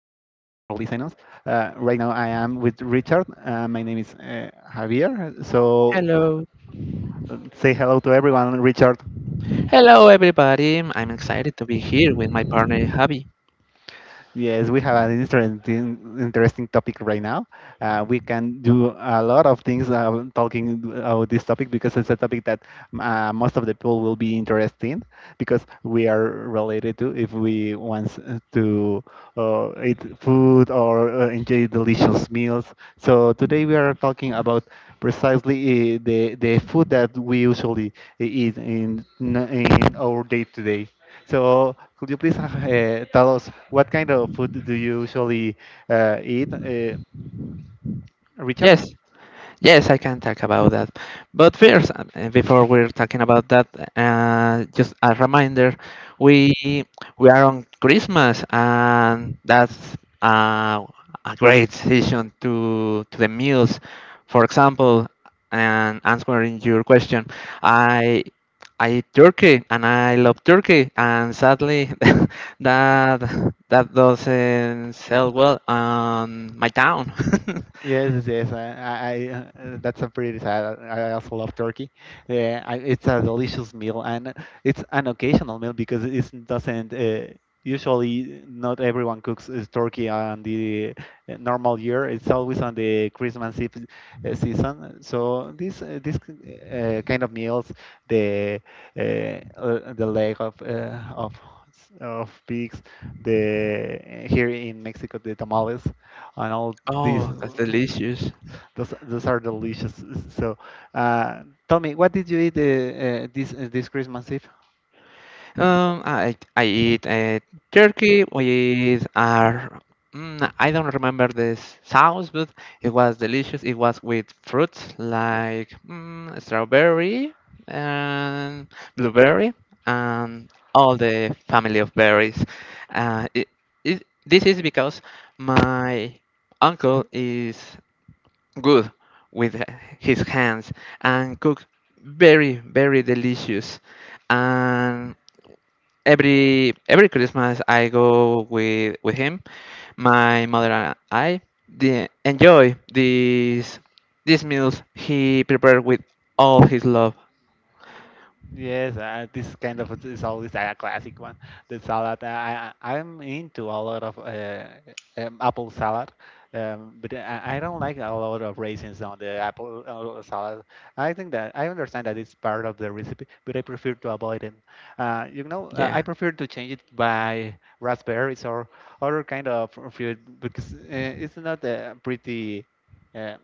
listening us. Right now, I am with Richard. My name is Javier. Hello. Say hello to everyone, Richard. Hello, everybody. I'm excited to be here with my partner, Javi. Yes, we have an interesting, interesting topic right now. We can do a lot of things talking about this topic because it's a topic that most of the people will be interested in because we are related to if we want to eat food or enjoy delicious meals. So today we are talking about precisely the food that we usually eat in our day to day. So, could you please tell us what kind of food do you usually eat, Yes, Richard? Yes, I can talk about that. But first, before we're talking about that, just a reminder, we we are on Christmas, and that's uh, a great season to the meals. For example, and answering your question, I I eat turkey and I love turkey, and sadly, that that doesn't sell well on my town. Yes, yes, yes. That's a pretty sad. I also love turkey. Yeah, it's a delicious meal, and it's an occasional meal because it doesn't. Usually, not everyone cooks turkey on the normal year. It's always on the Christmas Eve season. So this kind of meals, the uh, the leg of of pigs, the here in Mexico the tamales and all these Oh, that's delicious. Those are delicious. So, uh, tell me, what did you eat this Christmas Eve? I eat turkey with our I don't remember this sauce, but it was delicious. It was with fruits like strawberry and blueberry and all the family of berries. Uh, it, this is because my uncle is good with his hands and cook very delicious and every Christmas I go with him. My mother and I enjoy these meals he prepared with all his love. Yes, this kind of is always a classic one. The salad. I'm into a lot of apple salad, but I don't like a lot of raisins on the apple salad. I think that I understand that it's part of the recipe, but I prefer to avoid it. You know, I Yeah. prefer to change it by raspberries or other kind of fruit because it's not pretty. Uh,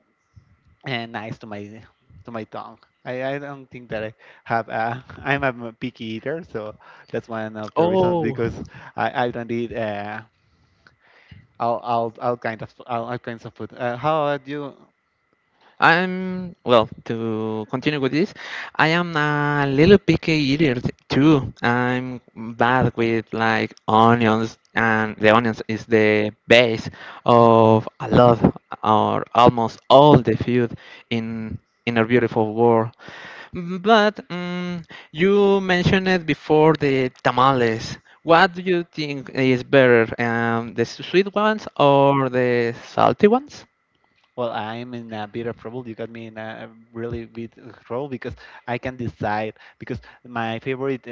and nice to my tongue. I don't think that I have a I'm a picky eater, so that's one of the reasons Oh, because I don't eat all kinds of food. How about you? I'm well. To continue with this, I am a little picky eater too. I'm bad with like onions, and the onions is the base of a lot or almost all the food in in our beautiful world. But you mentioned it before the tamales. What do you think is better, the sweet ones or the salty ones? Well, I'm in a bit of trouble. You got me in a really big trouble because I can decide because my favorite uh,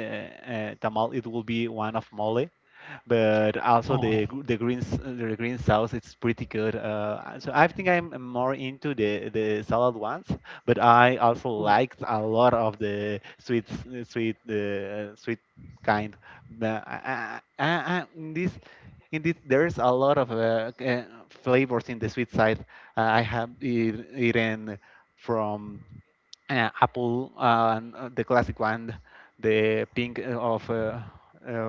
uh, tamal it will be one of mole, but also Oh, the gr- the green s- the green sauce it's pretty good. So I think I'm more into the salad ones, but I also liked a lot of the sweet kind. The- I- in this there's a lot of flavors in the sweet side. I have eaten from apple and the classic one, the pink of.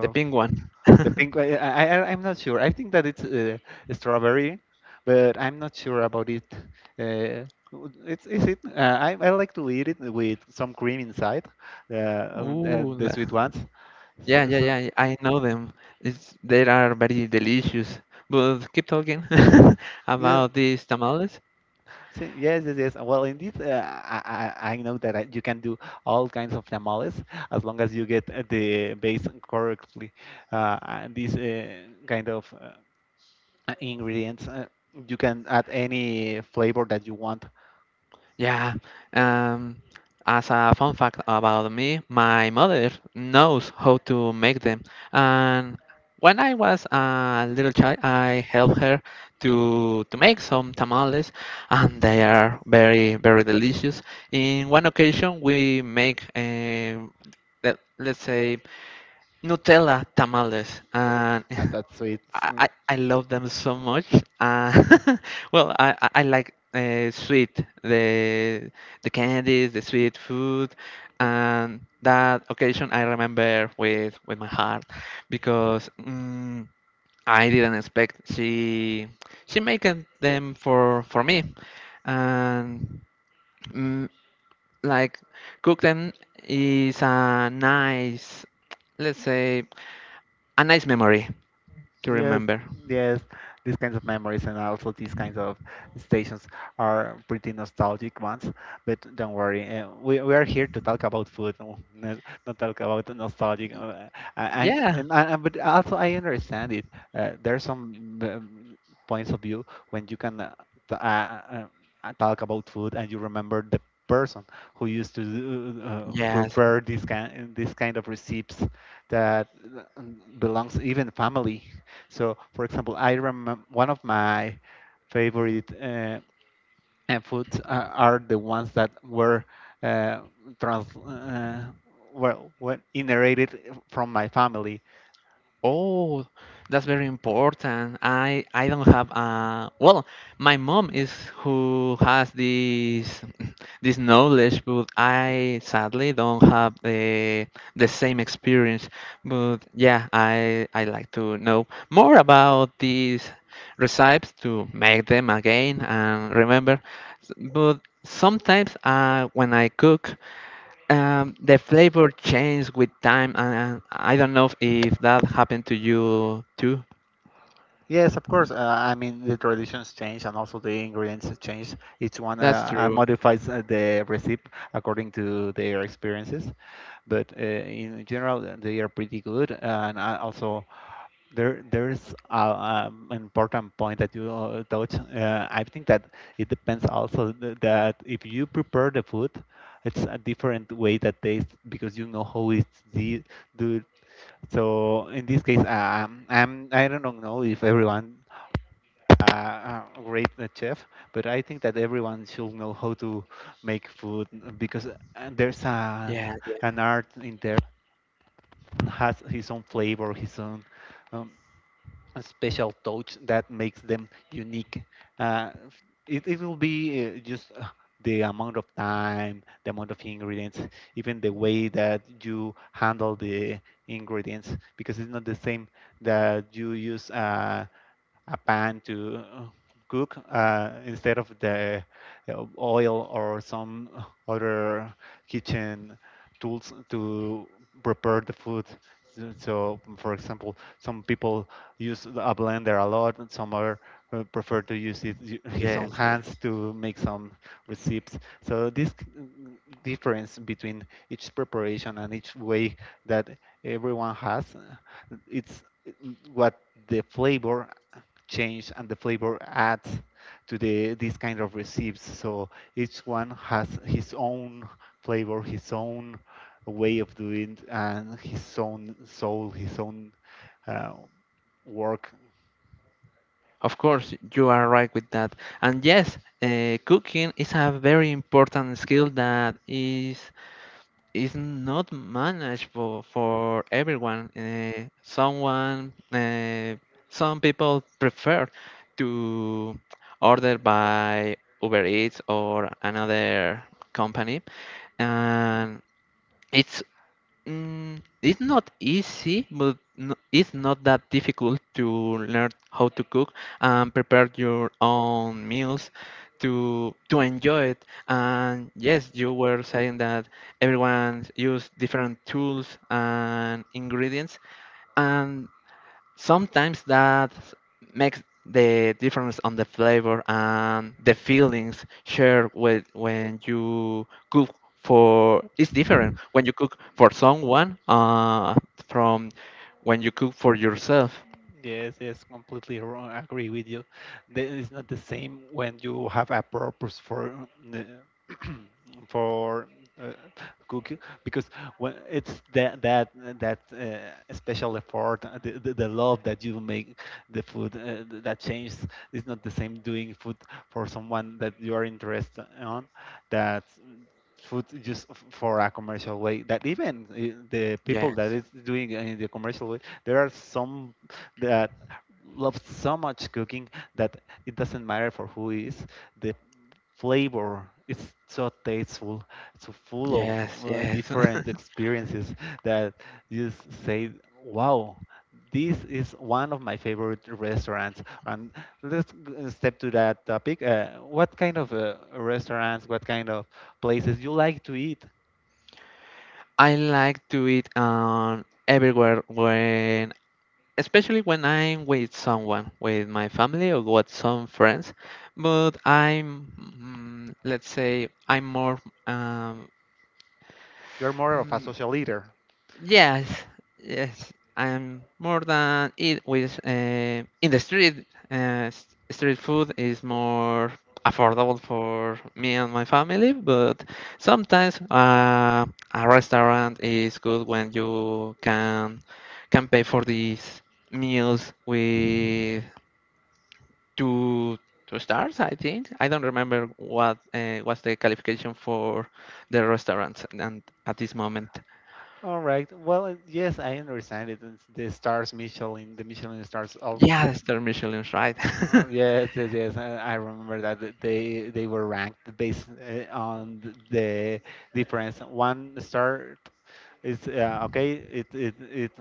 the pink one. pink one, yeah, I'm not sure. I think that it's strawberry, but I'm not sure about it. It's, is it? I like to eat it with some cream inside, uh, Ooh, the the- sweet ones. yeah, So, yeah, so yeah, I know them. It's, they are very delicious. But keep talking yeah, about these tamales. so, yes, yes, yes. Well, indeed, I know that you can do all kinds of tamales as long as you get the base correctly. And these kind of ingredients. You can add any flavor that you want. Yeah. Um, as a fun fact about me, my mother knows how to make them. And when I was a little child, I helped her to make some tamales, and they are very delicious. In one occasion, we make let's say Nutella tamales, and Ah, that's sweet. I, So, I I love them so much. Uh, well, I like sweet, the candies, the sweet food, and that occasion I remember with my heart because I didn't expect she making them for me and mm, like cook them is a nice, let's say a nice memory to yes, remember. yes, these kinds of memories and also these kinds of stations are pretty nostalgic ones. But don't worry, we are here to talk about food, not, not talk about the nostalgic. I, Yeah. and I, I- But also I understand it. There are some points of view when you can t- uh, uh, talk about food and you remember the person who used to Yes, prepare this kind of recipes that uh, belongs even family. So, for example, I remember one of my favorite foods are the ones that were uh, trans uh, well inherited from my family. Oh, that's very important. I don't have a, well, my mom is who has this this knowledge, but I sadly don't have the same experience. But yeah, I like to know more about these recipes to make them again and remember. But sometimes when I cook, the flavor changes with time, and I don't know if that happened to you too. Yes, of course. I mean, the traditions change and also the ingredients change. Each one That's true. modifies the recipe according to their experiences. But in general, they are pretty good. And I also, there's an important point that you touch. I think that it depends also that if you prepare the food, it's a different way that tastes because you know how it's do. So in this case, I'm, I don't know if everyone a great chef, but I think that everyone should know how to make food because there's Yeah, yeah, an art in there. Has his own flavor, his own. Um, a special touch that makes them unique. Uh, it will be just the amount of time, the amount of ingredients, even the way that you handle the ingredients, because it's not the same that you use. A pan to cook instead of the oil or some other kitchen tools to prepare the food. So, so, for example, some people use a blender a lot, and some are prefer to use his own yes, hands yes. to make some recipes. So this difference between each preparation and each way that everyone has, it's uh, what the flavor change and the flavor adds to the these kind of recipes. So each one has his own flavor, his own way of doing, and his own soul, his own uh, work. Of course, you are right with that. And yes, cooking is a very important skill that is not managed for everyone. Some people prefer to order by Uber Eats or another company and it's it's not easy, but no, it's not that difficult to learn how to cook and prepare your own meals to enjoy it. And yes, you were saying that everyone use different tools and ingredients, and sometimes that makes the difference on the flavor and the feelings shared with when you cook for, it's different when you cook for someone from when you cook for yourself. Yes, yes, completely wrong. I agree with you. It's not the same when you have a purpose for for uh, cooking because when it's that special effort, the love that you make the food that changes. It's not the same doing food for someone that you are interested on, that food just for a commercial way, that even the people that Yes. is doing in the commercial way, there are some that love so much cooking that it doesn't matter for who is. The flavor is so tasteful, so full of Yes, yes. different experiences that you say, wow. This is one of my favorite restaurants, and let's step to that topic. What kind of restaurants, what kind of places you like to eat? I like to eat everywhere when, especially when I'm with someone, with my family or with some friends. But I'm, let's say, I'm more, um, You're more of a mm, social eater. yes, yes, I'm more than eat with in the street. Street food is more affordable for me and my family, but sometimes a restaurant is good when you can pay for these meals with two two stars, I think. I don't remember what was the qualification for the restaurant and at this moment. All right. Well, yes, I understand it. It's the stars, Michelin, the Michelin stars. All, Yeah, the star Michelin's right. Yes, yes, yes. I remember that they were ranked based on the difference. One star it's okay, it,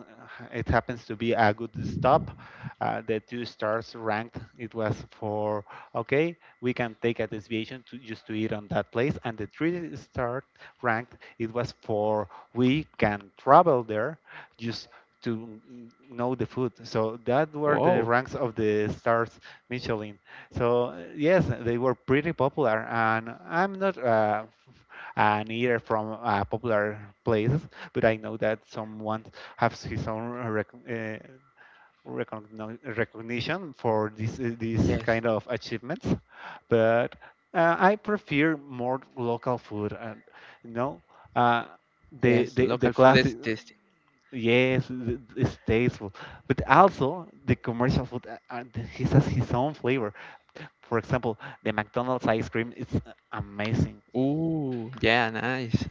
it happens to be a good stop, the two stars ranked it was for, okay, we can take a deviation to just to eat on that place, and the three-star ranked it was for, we can travel there just to know the food. So that were the Whoa. ranks of the stars Michelin. So yes, they were pretty popular, and I'm not an eater from popular places, but I know that someone has his own recognition for this this Yes. kind of achievements. But I prefer more local food, and you know, uh, the Yes, the the local food classic. is tasty. Yes, it's tasteful, but also the commercial food. He has his own flavor. For example, the McDonald's ice cream is amazing. Ooh, yeah, nice.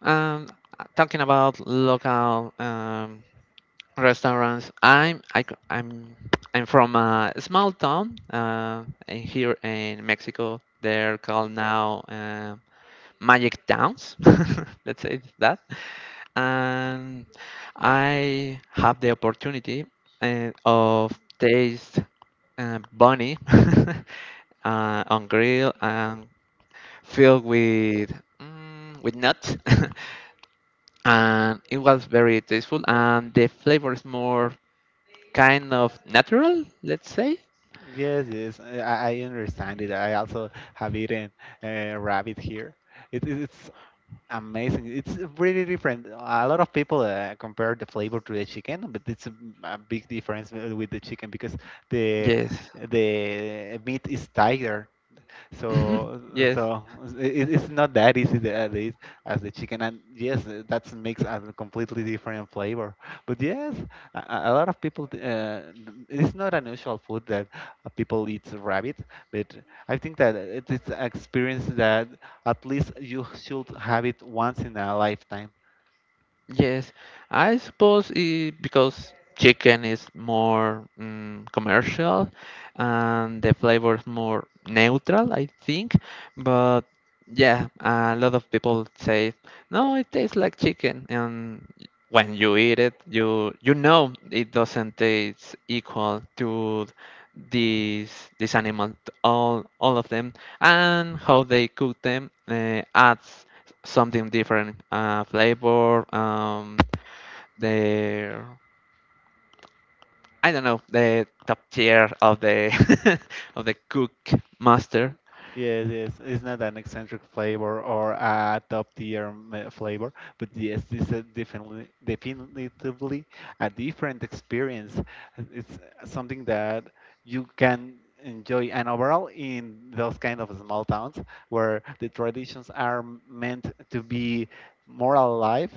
Um, Talking about local restaurants, I'm I'm from a small town in- here in Mexico. They're called now magic dance let's say it's that, and I have the opportunity of taste bunny on grill and filled with with nuts and it was very tasteful and the flavor is more kind of natural, let's say. Yes, yes, I understand it. I also have eaten rabbit here. It, it- it's amazing. It's really different. A lot of people compare the flavor to the chicken, but it's a big difference with the chicken because the Yes. the meat is tighter, so Yes. so it's not that easy as the chicken, and yes, that makes a completely different flavor. But yes, a lot of people, it's not an usual food that people eat rabbit, but I think that it is an experience that at least you should have it once in a lifetime. Yes, I suppose it, because chicken is more commercial and the flavor is more neutral, I think. But yeah, a lot of people say, no, it tastes like chicken. And when you eat it, you know it doesn't taste equal to these this animal, all of them, and how they cook them adds something different flavor the I don't know, the top tier of the of the cook master. Yes, yes, it's not an eccentric flavor or a top tier flavor, but yes, this is definitely, definitively a different experience. It's something that you can enjoy, and overall, in those kind of small towns where the traditions are meant to be more alive,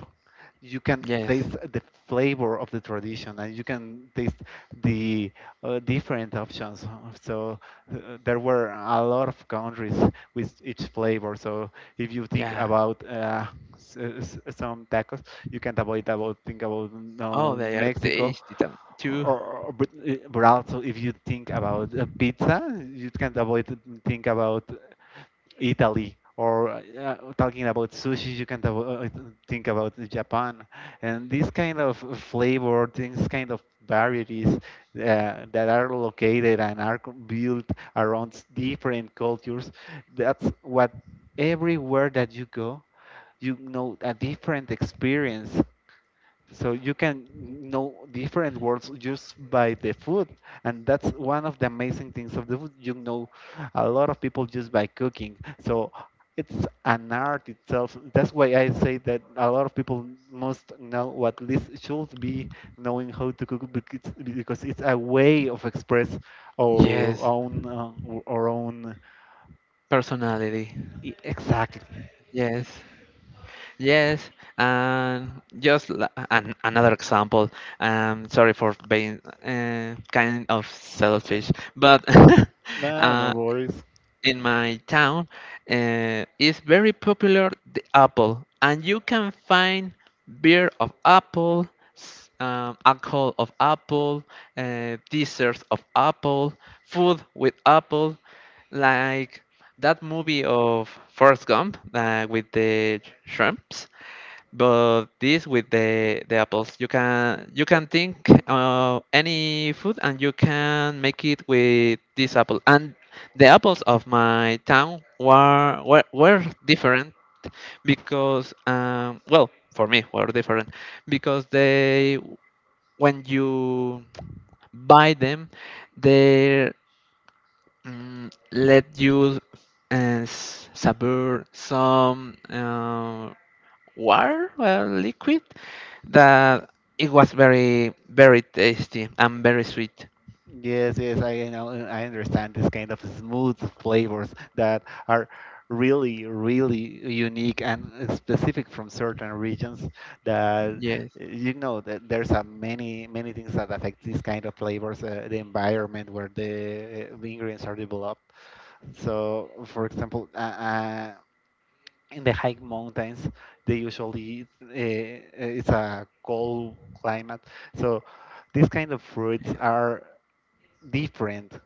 you can Yes. taste the flavor of the tradition, and you can taste the different options. So there were a lot of countries with each flavor. So if you think Yeah. about some tacos, you can't avoid about think about Oh, they are Mexico. tasty tam- Or, too or, but also if you think about pizza, you can't avoid think about Italy. Or talking about sushi, you can think about Japan, and these kind of flavor, these kind of varieties that are located and are built around different cultures. That's what everywhere that you go, a different experience so you can know different words just by the food, and that's one of the amazing things of the food. A lot of people just by cooking. So it's an art itself. That's why I say that a lot of people must know, or at least should be knowing how to cook because it's a way of express our Yes. own our own. Personality. Exactly. Yes. Yes, and just another example, sorry for being kind of selfish, but No, no uh, worries. in my town, is very popular the apple and you can find beer of apple, alcohol of apple, desserts of apple, food with apple, like that movie of Forrest Gump with the shrimps, but this with the apples, you can think of any food and you can make it with this apple. And the apples of my town were different because well for me were different because they, when you buy them they let you savor some water liquid that it was very tasty and very sweet. Yes, yes, I know. I understand this kind of smooth flavors that are really, really unique and specific from certain regions. That Yes. You know that there's a many, many things that affect these kind of flavors, the environment where the ingredients are developed. So, for example, in the high mountains, they usually it's a cold climate. So these kind of fruits are different,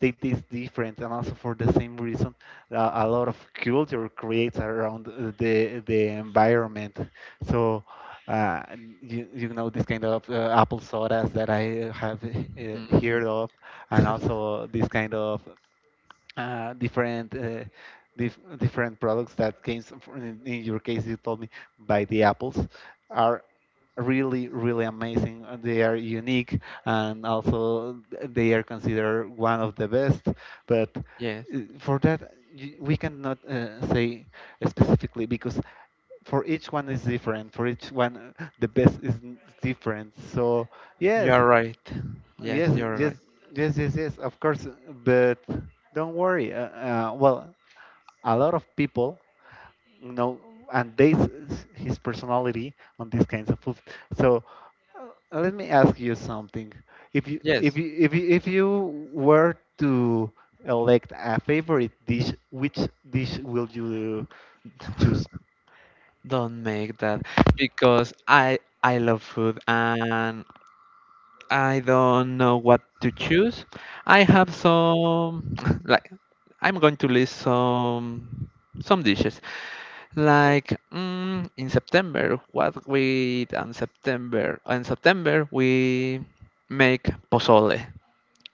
they taste different and also for the same reason, a lot of culture creates around the environment. So uh, you, you know this kind of apple sodas that I have Mm, heard of, and also this kind of different different products that came from, in your case you told me by the apples are really really amazing and they are unique, and also they are considered one of the best. But yes. For that, we cannot say specifically because for each one is different, for each one the best is different. So yes. You're right. Yes, Yes, you're yes, right. yes, yes, yes, of course. But don't worry. Well, a lot of people know, and they his personality on these kinds of food. So let me ask you something. If you if Yes. you if you, if you were to elect a favorite dish, which dish will you choose? Don't make that, because I love food and I don't know what to choose. I have some, like I'm going to list some dishes, like in September what we eat on September, in September we make pozole,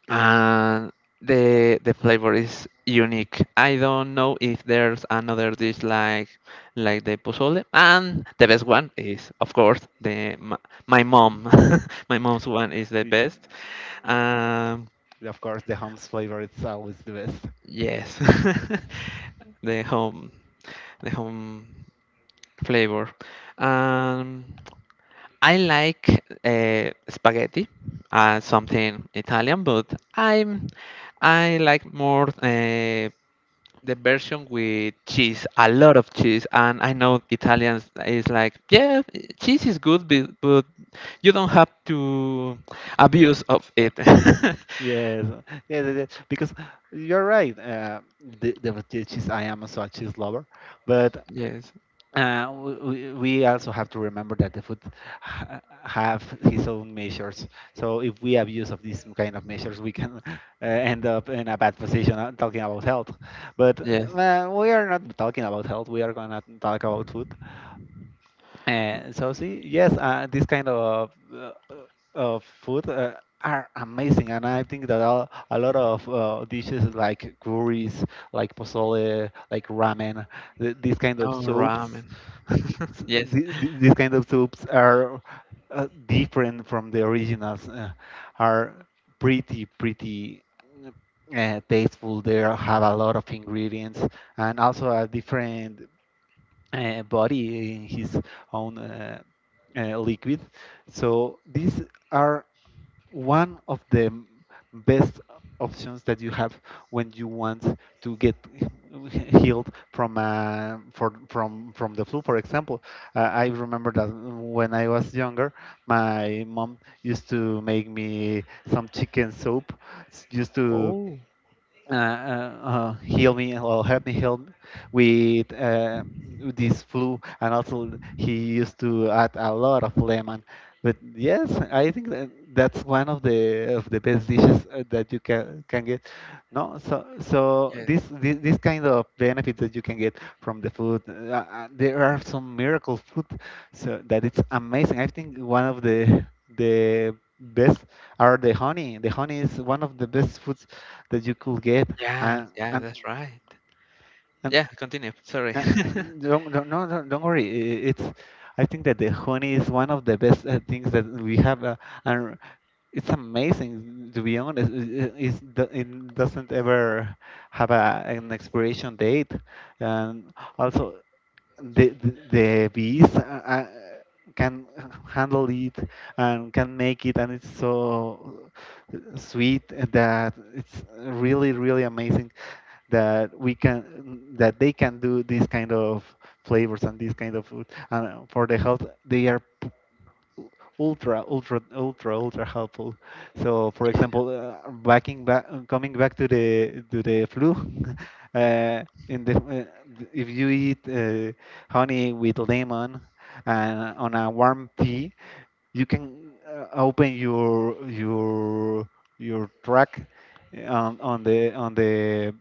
and the flavor is unique. I don't know if there's another dish like the pozole, and the best one is of course my mom. My mom's one is the Y- best. Um, Of course, the home's flavor is always the best. yes, the home, the home flavor. Um, I like spaghetti, something Italian, but I'm, I like more the version with cheese, a lot of cheese, and I know Italians is like, yeah, cheese is good, but you don't have to abuse of it. Yes, yes, yes, yes, because you're right. The fetish is I am also a cheese lover, but Yes, we also have to remember that the food ha have his own measures. So if we abuse of these kind of measures, we can end up in a bad position talking about health. But yes. We are not talking about health. We are gonna talk about food. And so see, yes, this kind of food are amazing, and I think that a lot of dishes like curries, like pozole, like ramen, these kind of Oh, soups, ramen. th- Yes. th- these kind of soups are different from the originals. Are pretty tasteful. They have a lot of ingredients and also a different body in his own liquid. So these are one of the best options that you have when you want to get healed from from the flu. For example, I remember that when I was younger, my mom used to make me some chicken soup, s- used to Oh. uh, uh, heal me or help me heal with this flu, and also he used to add a lot of lemon. But yes, I think that that's one of the best dishes that you can get. No so so Yes. This kind of benefits that you can get from the food, there are some miracle food. So that it's amazing. I think one of the best are the honey. The honey is one of the best foods that you could get, Yeah, and yeah, and that's right. and, Yeah, continue. Sorry. and don't, no, don't worry, it's, I think that the honey is one of the best things that we have. And it's amazing, to be honest. It, it's, it doesn't ever have an expiration date, and also the bees can handle it and can make it, and it's so sweet that it's really really amazing that we can, that they can do these kind of flavors and this kind of food. And for the health they are ultra ultra ultra ultra helpful. So for Yes. example backing back coming back to the flu uh, in the if you eat honey with lemon and on a warm tea, you can open your track uh, on, on the on the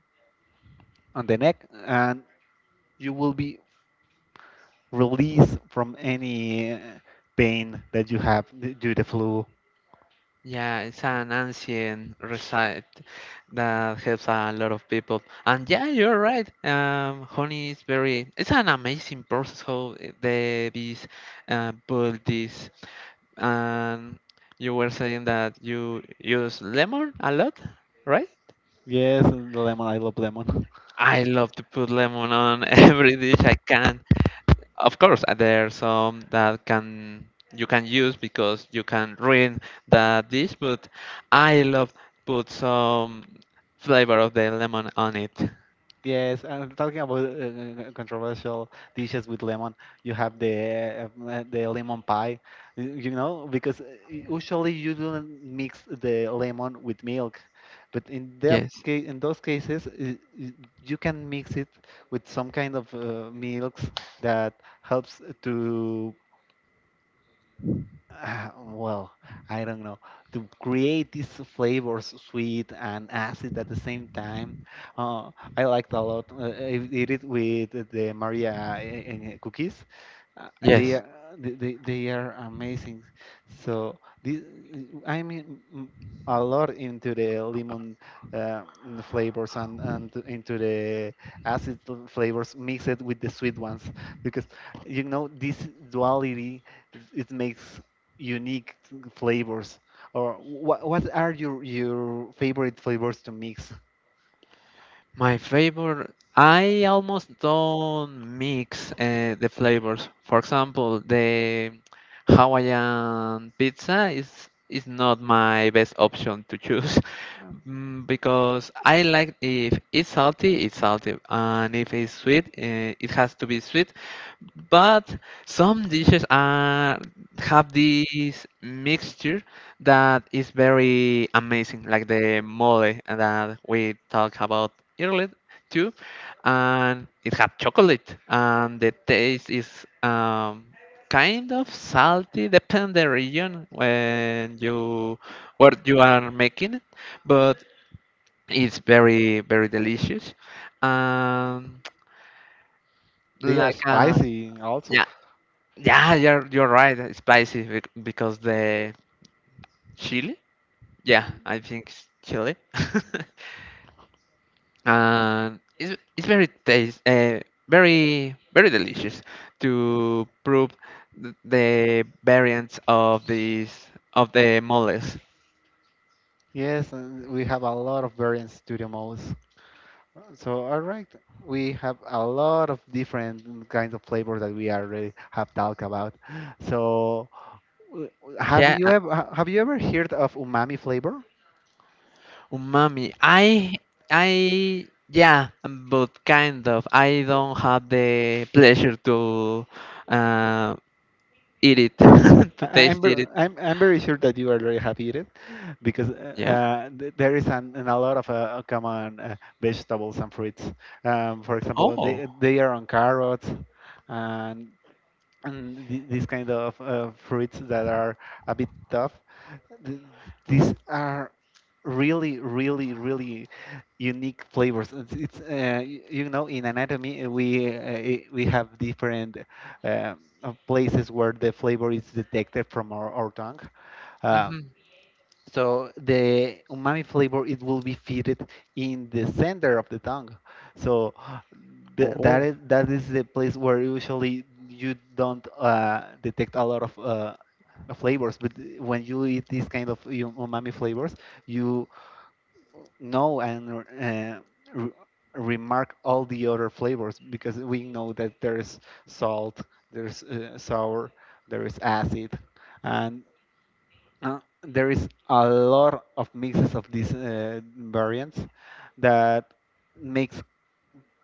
on the neck, and you will be released from any pain that you have due to flu. Yeah, it's an ancient recite that helps a lot of people. And yeah, you're right. Honey is very, it's an amazing process how the bees build this. And you were saying that you use lemon a lot, right? Yes, and the lemon. I love lemon. I love to put lemon on every dish I can. Of course, there are some that can you can use because you can ruin the dish, but I love put some flavor of the lemon on it. Yes, and talking about controversial dishes with lemon. You have the lemon pie, you know, because usually you don't mix the lemon with milk, but in that Yes, case, in those cases, you can mix it with some kind of milks that helps to ah, well, I don't know. To create these flavors, sweet and acid at the same time, uh, I liked a lot. I did it with the Maria cookies. They yes. are they are amazing. So this, I'm a lot into the lemon uh, flavors and into the acid flavors mixed with the sweet ones, because you know this duality, it makes unique flavors. Or what are your favorite flavors to mix? My favorite, I almost don't mix the flavors. For example, the Hawaiian pizza is not my best option to choose. Well, Because I like if it's salty, it's salty, and if it's sweet, it has to be sweet. But some dishes are, have this mixture that is very amazing, like the mole that we talked about earlier too, and it had chocolate, and the taste is kind of salty, depend the region when you where you are making it, but it's very delicious, um, they are like uh, spicy also. yeah, yeah you're right, it's spicy because the chili, yeah I think it's chili. And it's very taste very delicious to prove the variants of these of the moles. Yes, and we have a lot of variants to the most. So all right, we have a lot of different kinds of flavors that we already have talked about. So yeah uh, have you ever heard of umami flavor? Umami, I yeah, but kind of I don't have the pleasure to uh, eat it, to taste it. I'm very sure that you are very happy with it, because Yeah. There is an a lot of common vegetables and fruits. For example, Oh. They are on carrots, and these kind of fruits that are a bit tough, th- these are really really really unique flavors. It's you know, in anatomy we have different places where the flavor is detected from our tongue. Uh, Hmm. so the umami flavor, it will be fitted in the center of the tongue. So th Oh. That is the place where usually you don't detect a lot of flavors. But when you eat these kind of umami flavors, you know, and re remark all the other flavors, because we know that there's salt, there's sour, there is acid, and there is a lot of mixes of these variants that makes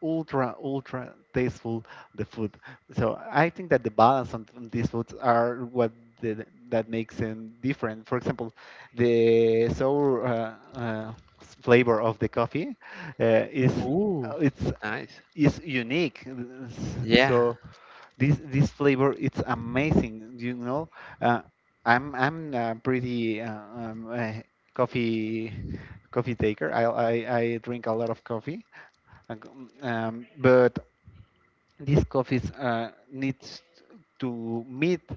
ultra ultra tasteful the food. So I think that the balance on these foods are what that makes them different. For example, the sour flavor of the coffee is Ooh, it's nice. is unique. Yeah. So this flavor, it's amazing, you know. Uh, i'm I'm pretty coffee, coffee taker. I drink a lot of coffee. Uh, but this coffee needs to meet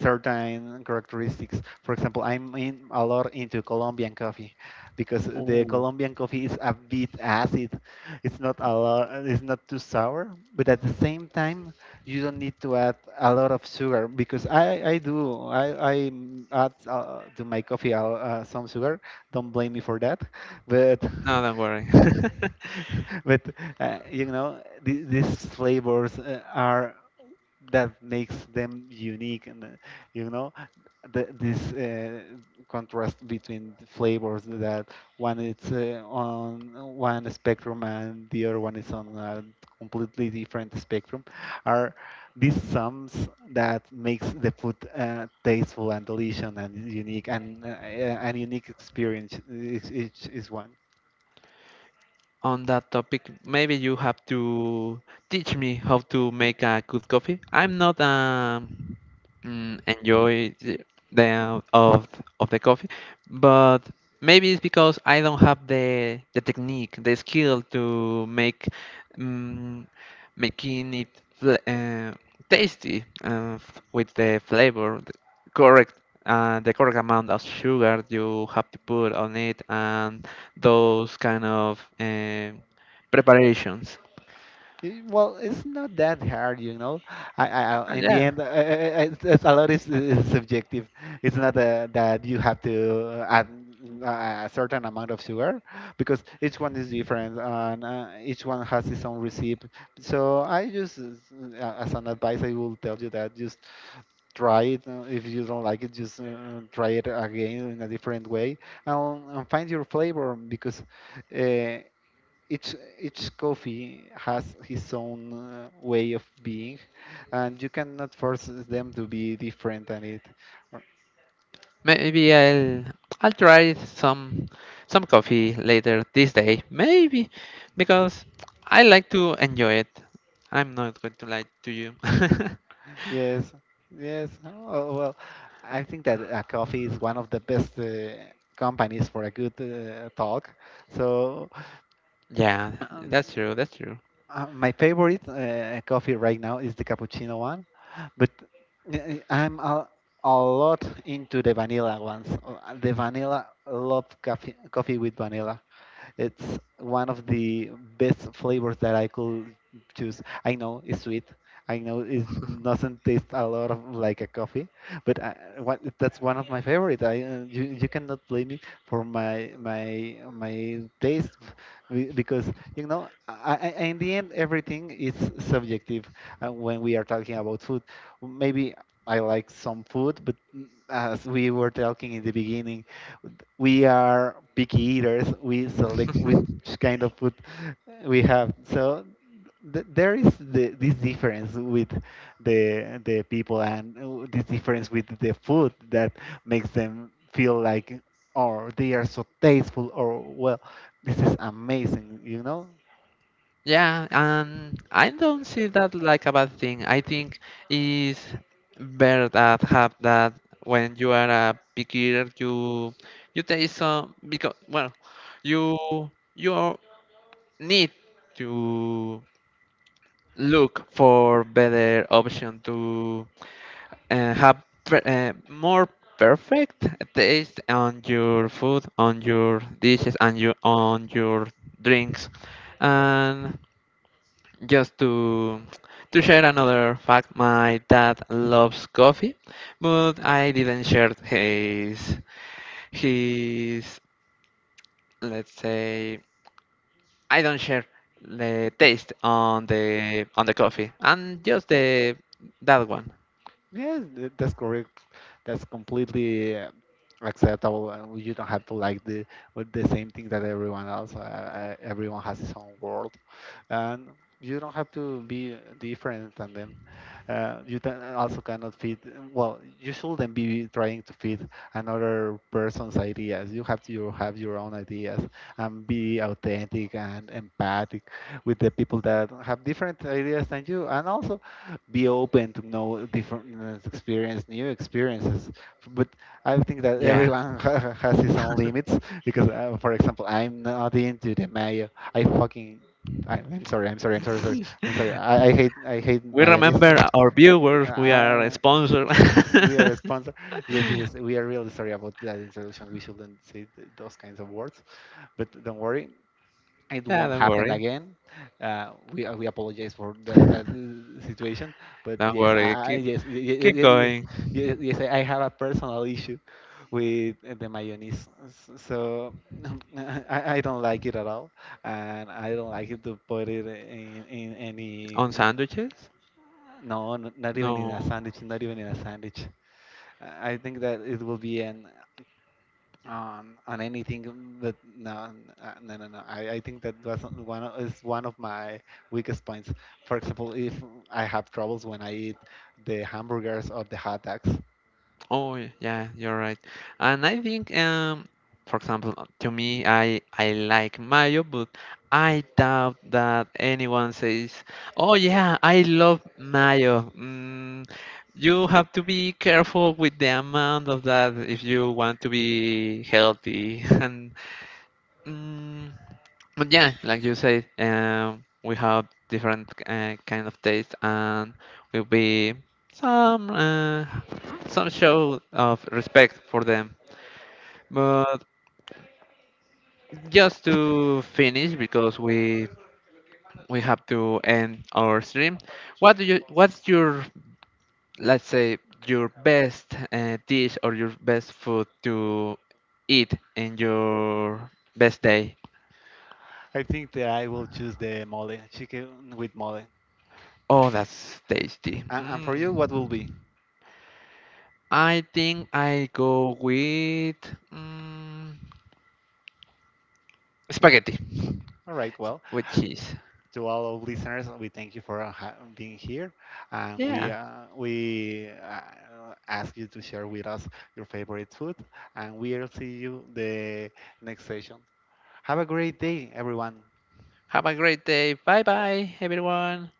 certain characteristics. For example, I'm in a lot into Colombian coffee, because the Oh. Colombian coffee is a bit acid. It's not a lot, it's not too sour, but at the same time, you don't need to add a lot of sugar, because I add to my coffee some sugar. Don't blame me for that, but No, don't worry. but you know, these flavors are that makes them unique. And you know, this contrast between the flavors, that one is on one spectrum and the other one is on a completely different spectrum, are these sums that makes the food tasteful and delicious and unique, and unique experience each is one On that topic, maybe you have to teach me how to make a good coffee. I'm not enjoy the the, uh, of of the coffee, but maybe it's because I don't have the technique, the skill to make mm making it fl- uh, tasty, with the flavor, correct the correct amount of sugar you have to put on it and those kind of preparations. Eh, well, it's not that hard, you know. In the Yeah, end, it's a lot is subjective. It's not that you have to add a certain amount of sugar, because each one is different and each one has its own recipe. So I just, as an advice, I will tell you that just try it. If you don't like it, just try it again in a different way, and find your flavor. Because uh, each coffee has his own way of being, and you cannot force them to be different than it. Or- maybe I'll try some coffee later this day, maybe because I like to enjoy it. I'm not going to lie to you. yes, yes, oh, well, I think that coffee is one of the best companies for a good talk. So Yeah, um, that's true. That's true. My favorite coffee right now is the cappuccino one, but I'm a lot into the vanilla ones. The vanilla, love coffee, coffee with vanilla. It's one of the best flavors that I could choose. I know it's sweet. I know it doesn't taste a lot of like a coffee, but I, what, that's one of my favorite. I you, you cannot blame me for my taste, because you know in the end everything is subjective. When we are talking about food, maybe I like some food, but mm, as we were talking in the beginning, we are picky eaters. We select which kind of food we have. So there is the, this difference with the people, and this difference with the food, that makes them feel like, or they are so tasteful, or well, this is amazing, you know. Yeah, I don't see that like a bad thing. I think it's better that have that when you are a beginner, you taste some because well, you you need to look for better option to have more perfect taste on your food, on your dishes, and you on your drinks. And just to share another fact, my dad loves coffee but I didn't share his his let's say, I don't share the taste on the coffee and just the that one. Yes, that's correct. That's completely acceptable. You don't have to like the with the same thing that everyone else. Everyone has his own world, and you don't have to be different than them. You can also cannot fit. Well, you shouldn't be trying to fit another person's ideas. You have to have your own ideas, and be authentic and empathic with the people that have different ideas than you, and also be open to know different experience new experiences. But I think that Yeah, everyone has his own limits. Because for example, I'm not into the mayo. I fucking, I'm sorry, I hate, I hate we mayonnaise. remember our viewers, we are a uh, sponsor. we are a sponsor. Yes, yes, we are really sorry about that in, we shouldn't say those kinds of words. But don't worry, it Yeah, won't don't happen worry. again. We apologize for that, that situation, but Don't yes, worry, I keep yes, yes, keep yes, going yes, yes, I have a personal issue with the mayonnaise. So I don't like it at all, and I don't like it to put it in any. On sandwiches. No, not even in No. a sandwich. Not even in a sandwich. I think that it will be an on anything that no I think that is one of my weakest points. For example, if I have troubles when I eat the hamburgers or the hot dogs, Oh, yeah, you're right. And I think, for example, to me, I like mayo, but I doubt that anyone says, "Oh yeah, I love mayo." You have to be careful with the amount of that if you want to be healthy. And mm, but yeah, like you said, we have different kind of taste, and will be some uh, some show of respect for them. But just to finish, because we have to end our stream. What do you? What's your, let's say, your best dish or your best food to eat in your best day? I think that I will choose the mole, chicken with mole. Oh, that's tasty. And for you what will Mm. be? I think I go with mm, spaghetti. All right well, With cheese. to all our listeners, we thank you for being here, and we Yeah. Ask you to share with us your favorite food, and we'll see you the next session. Have a great day, everyone. Have a great day. Bye bye, everyone.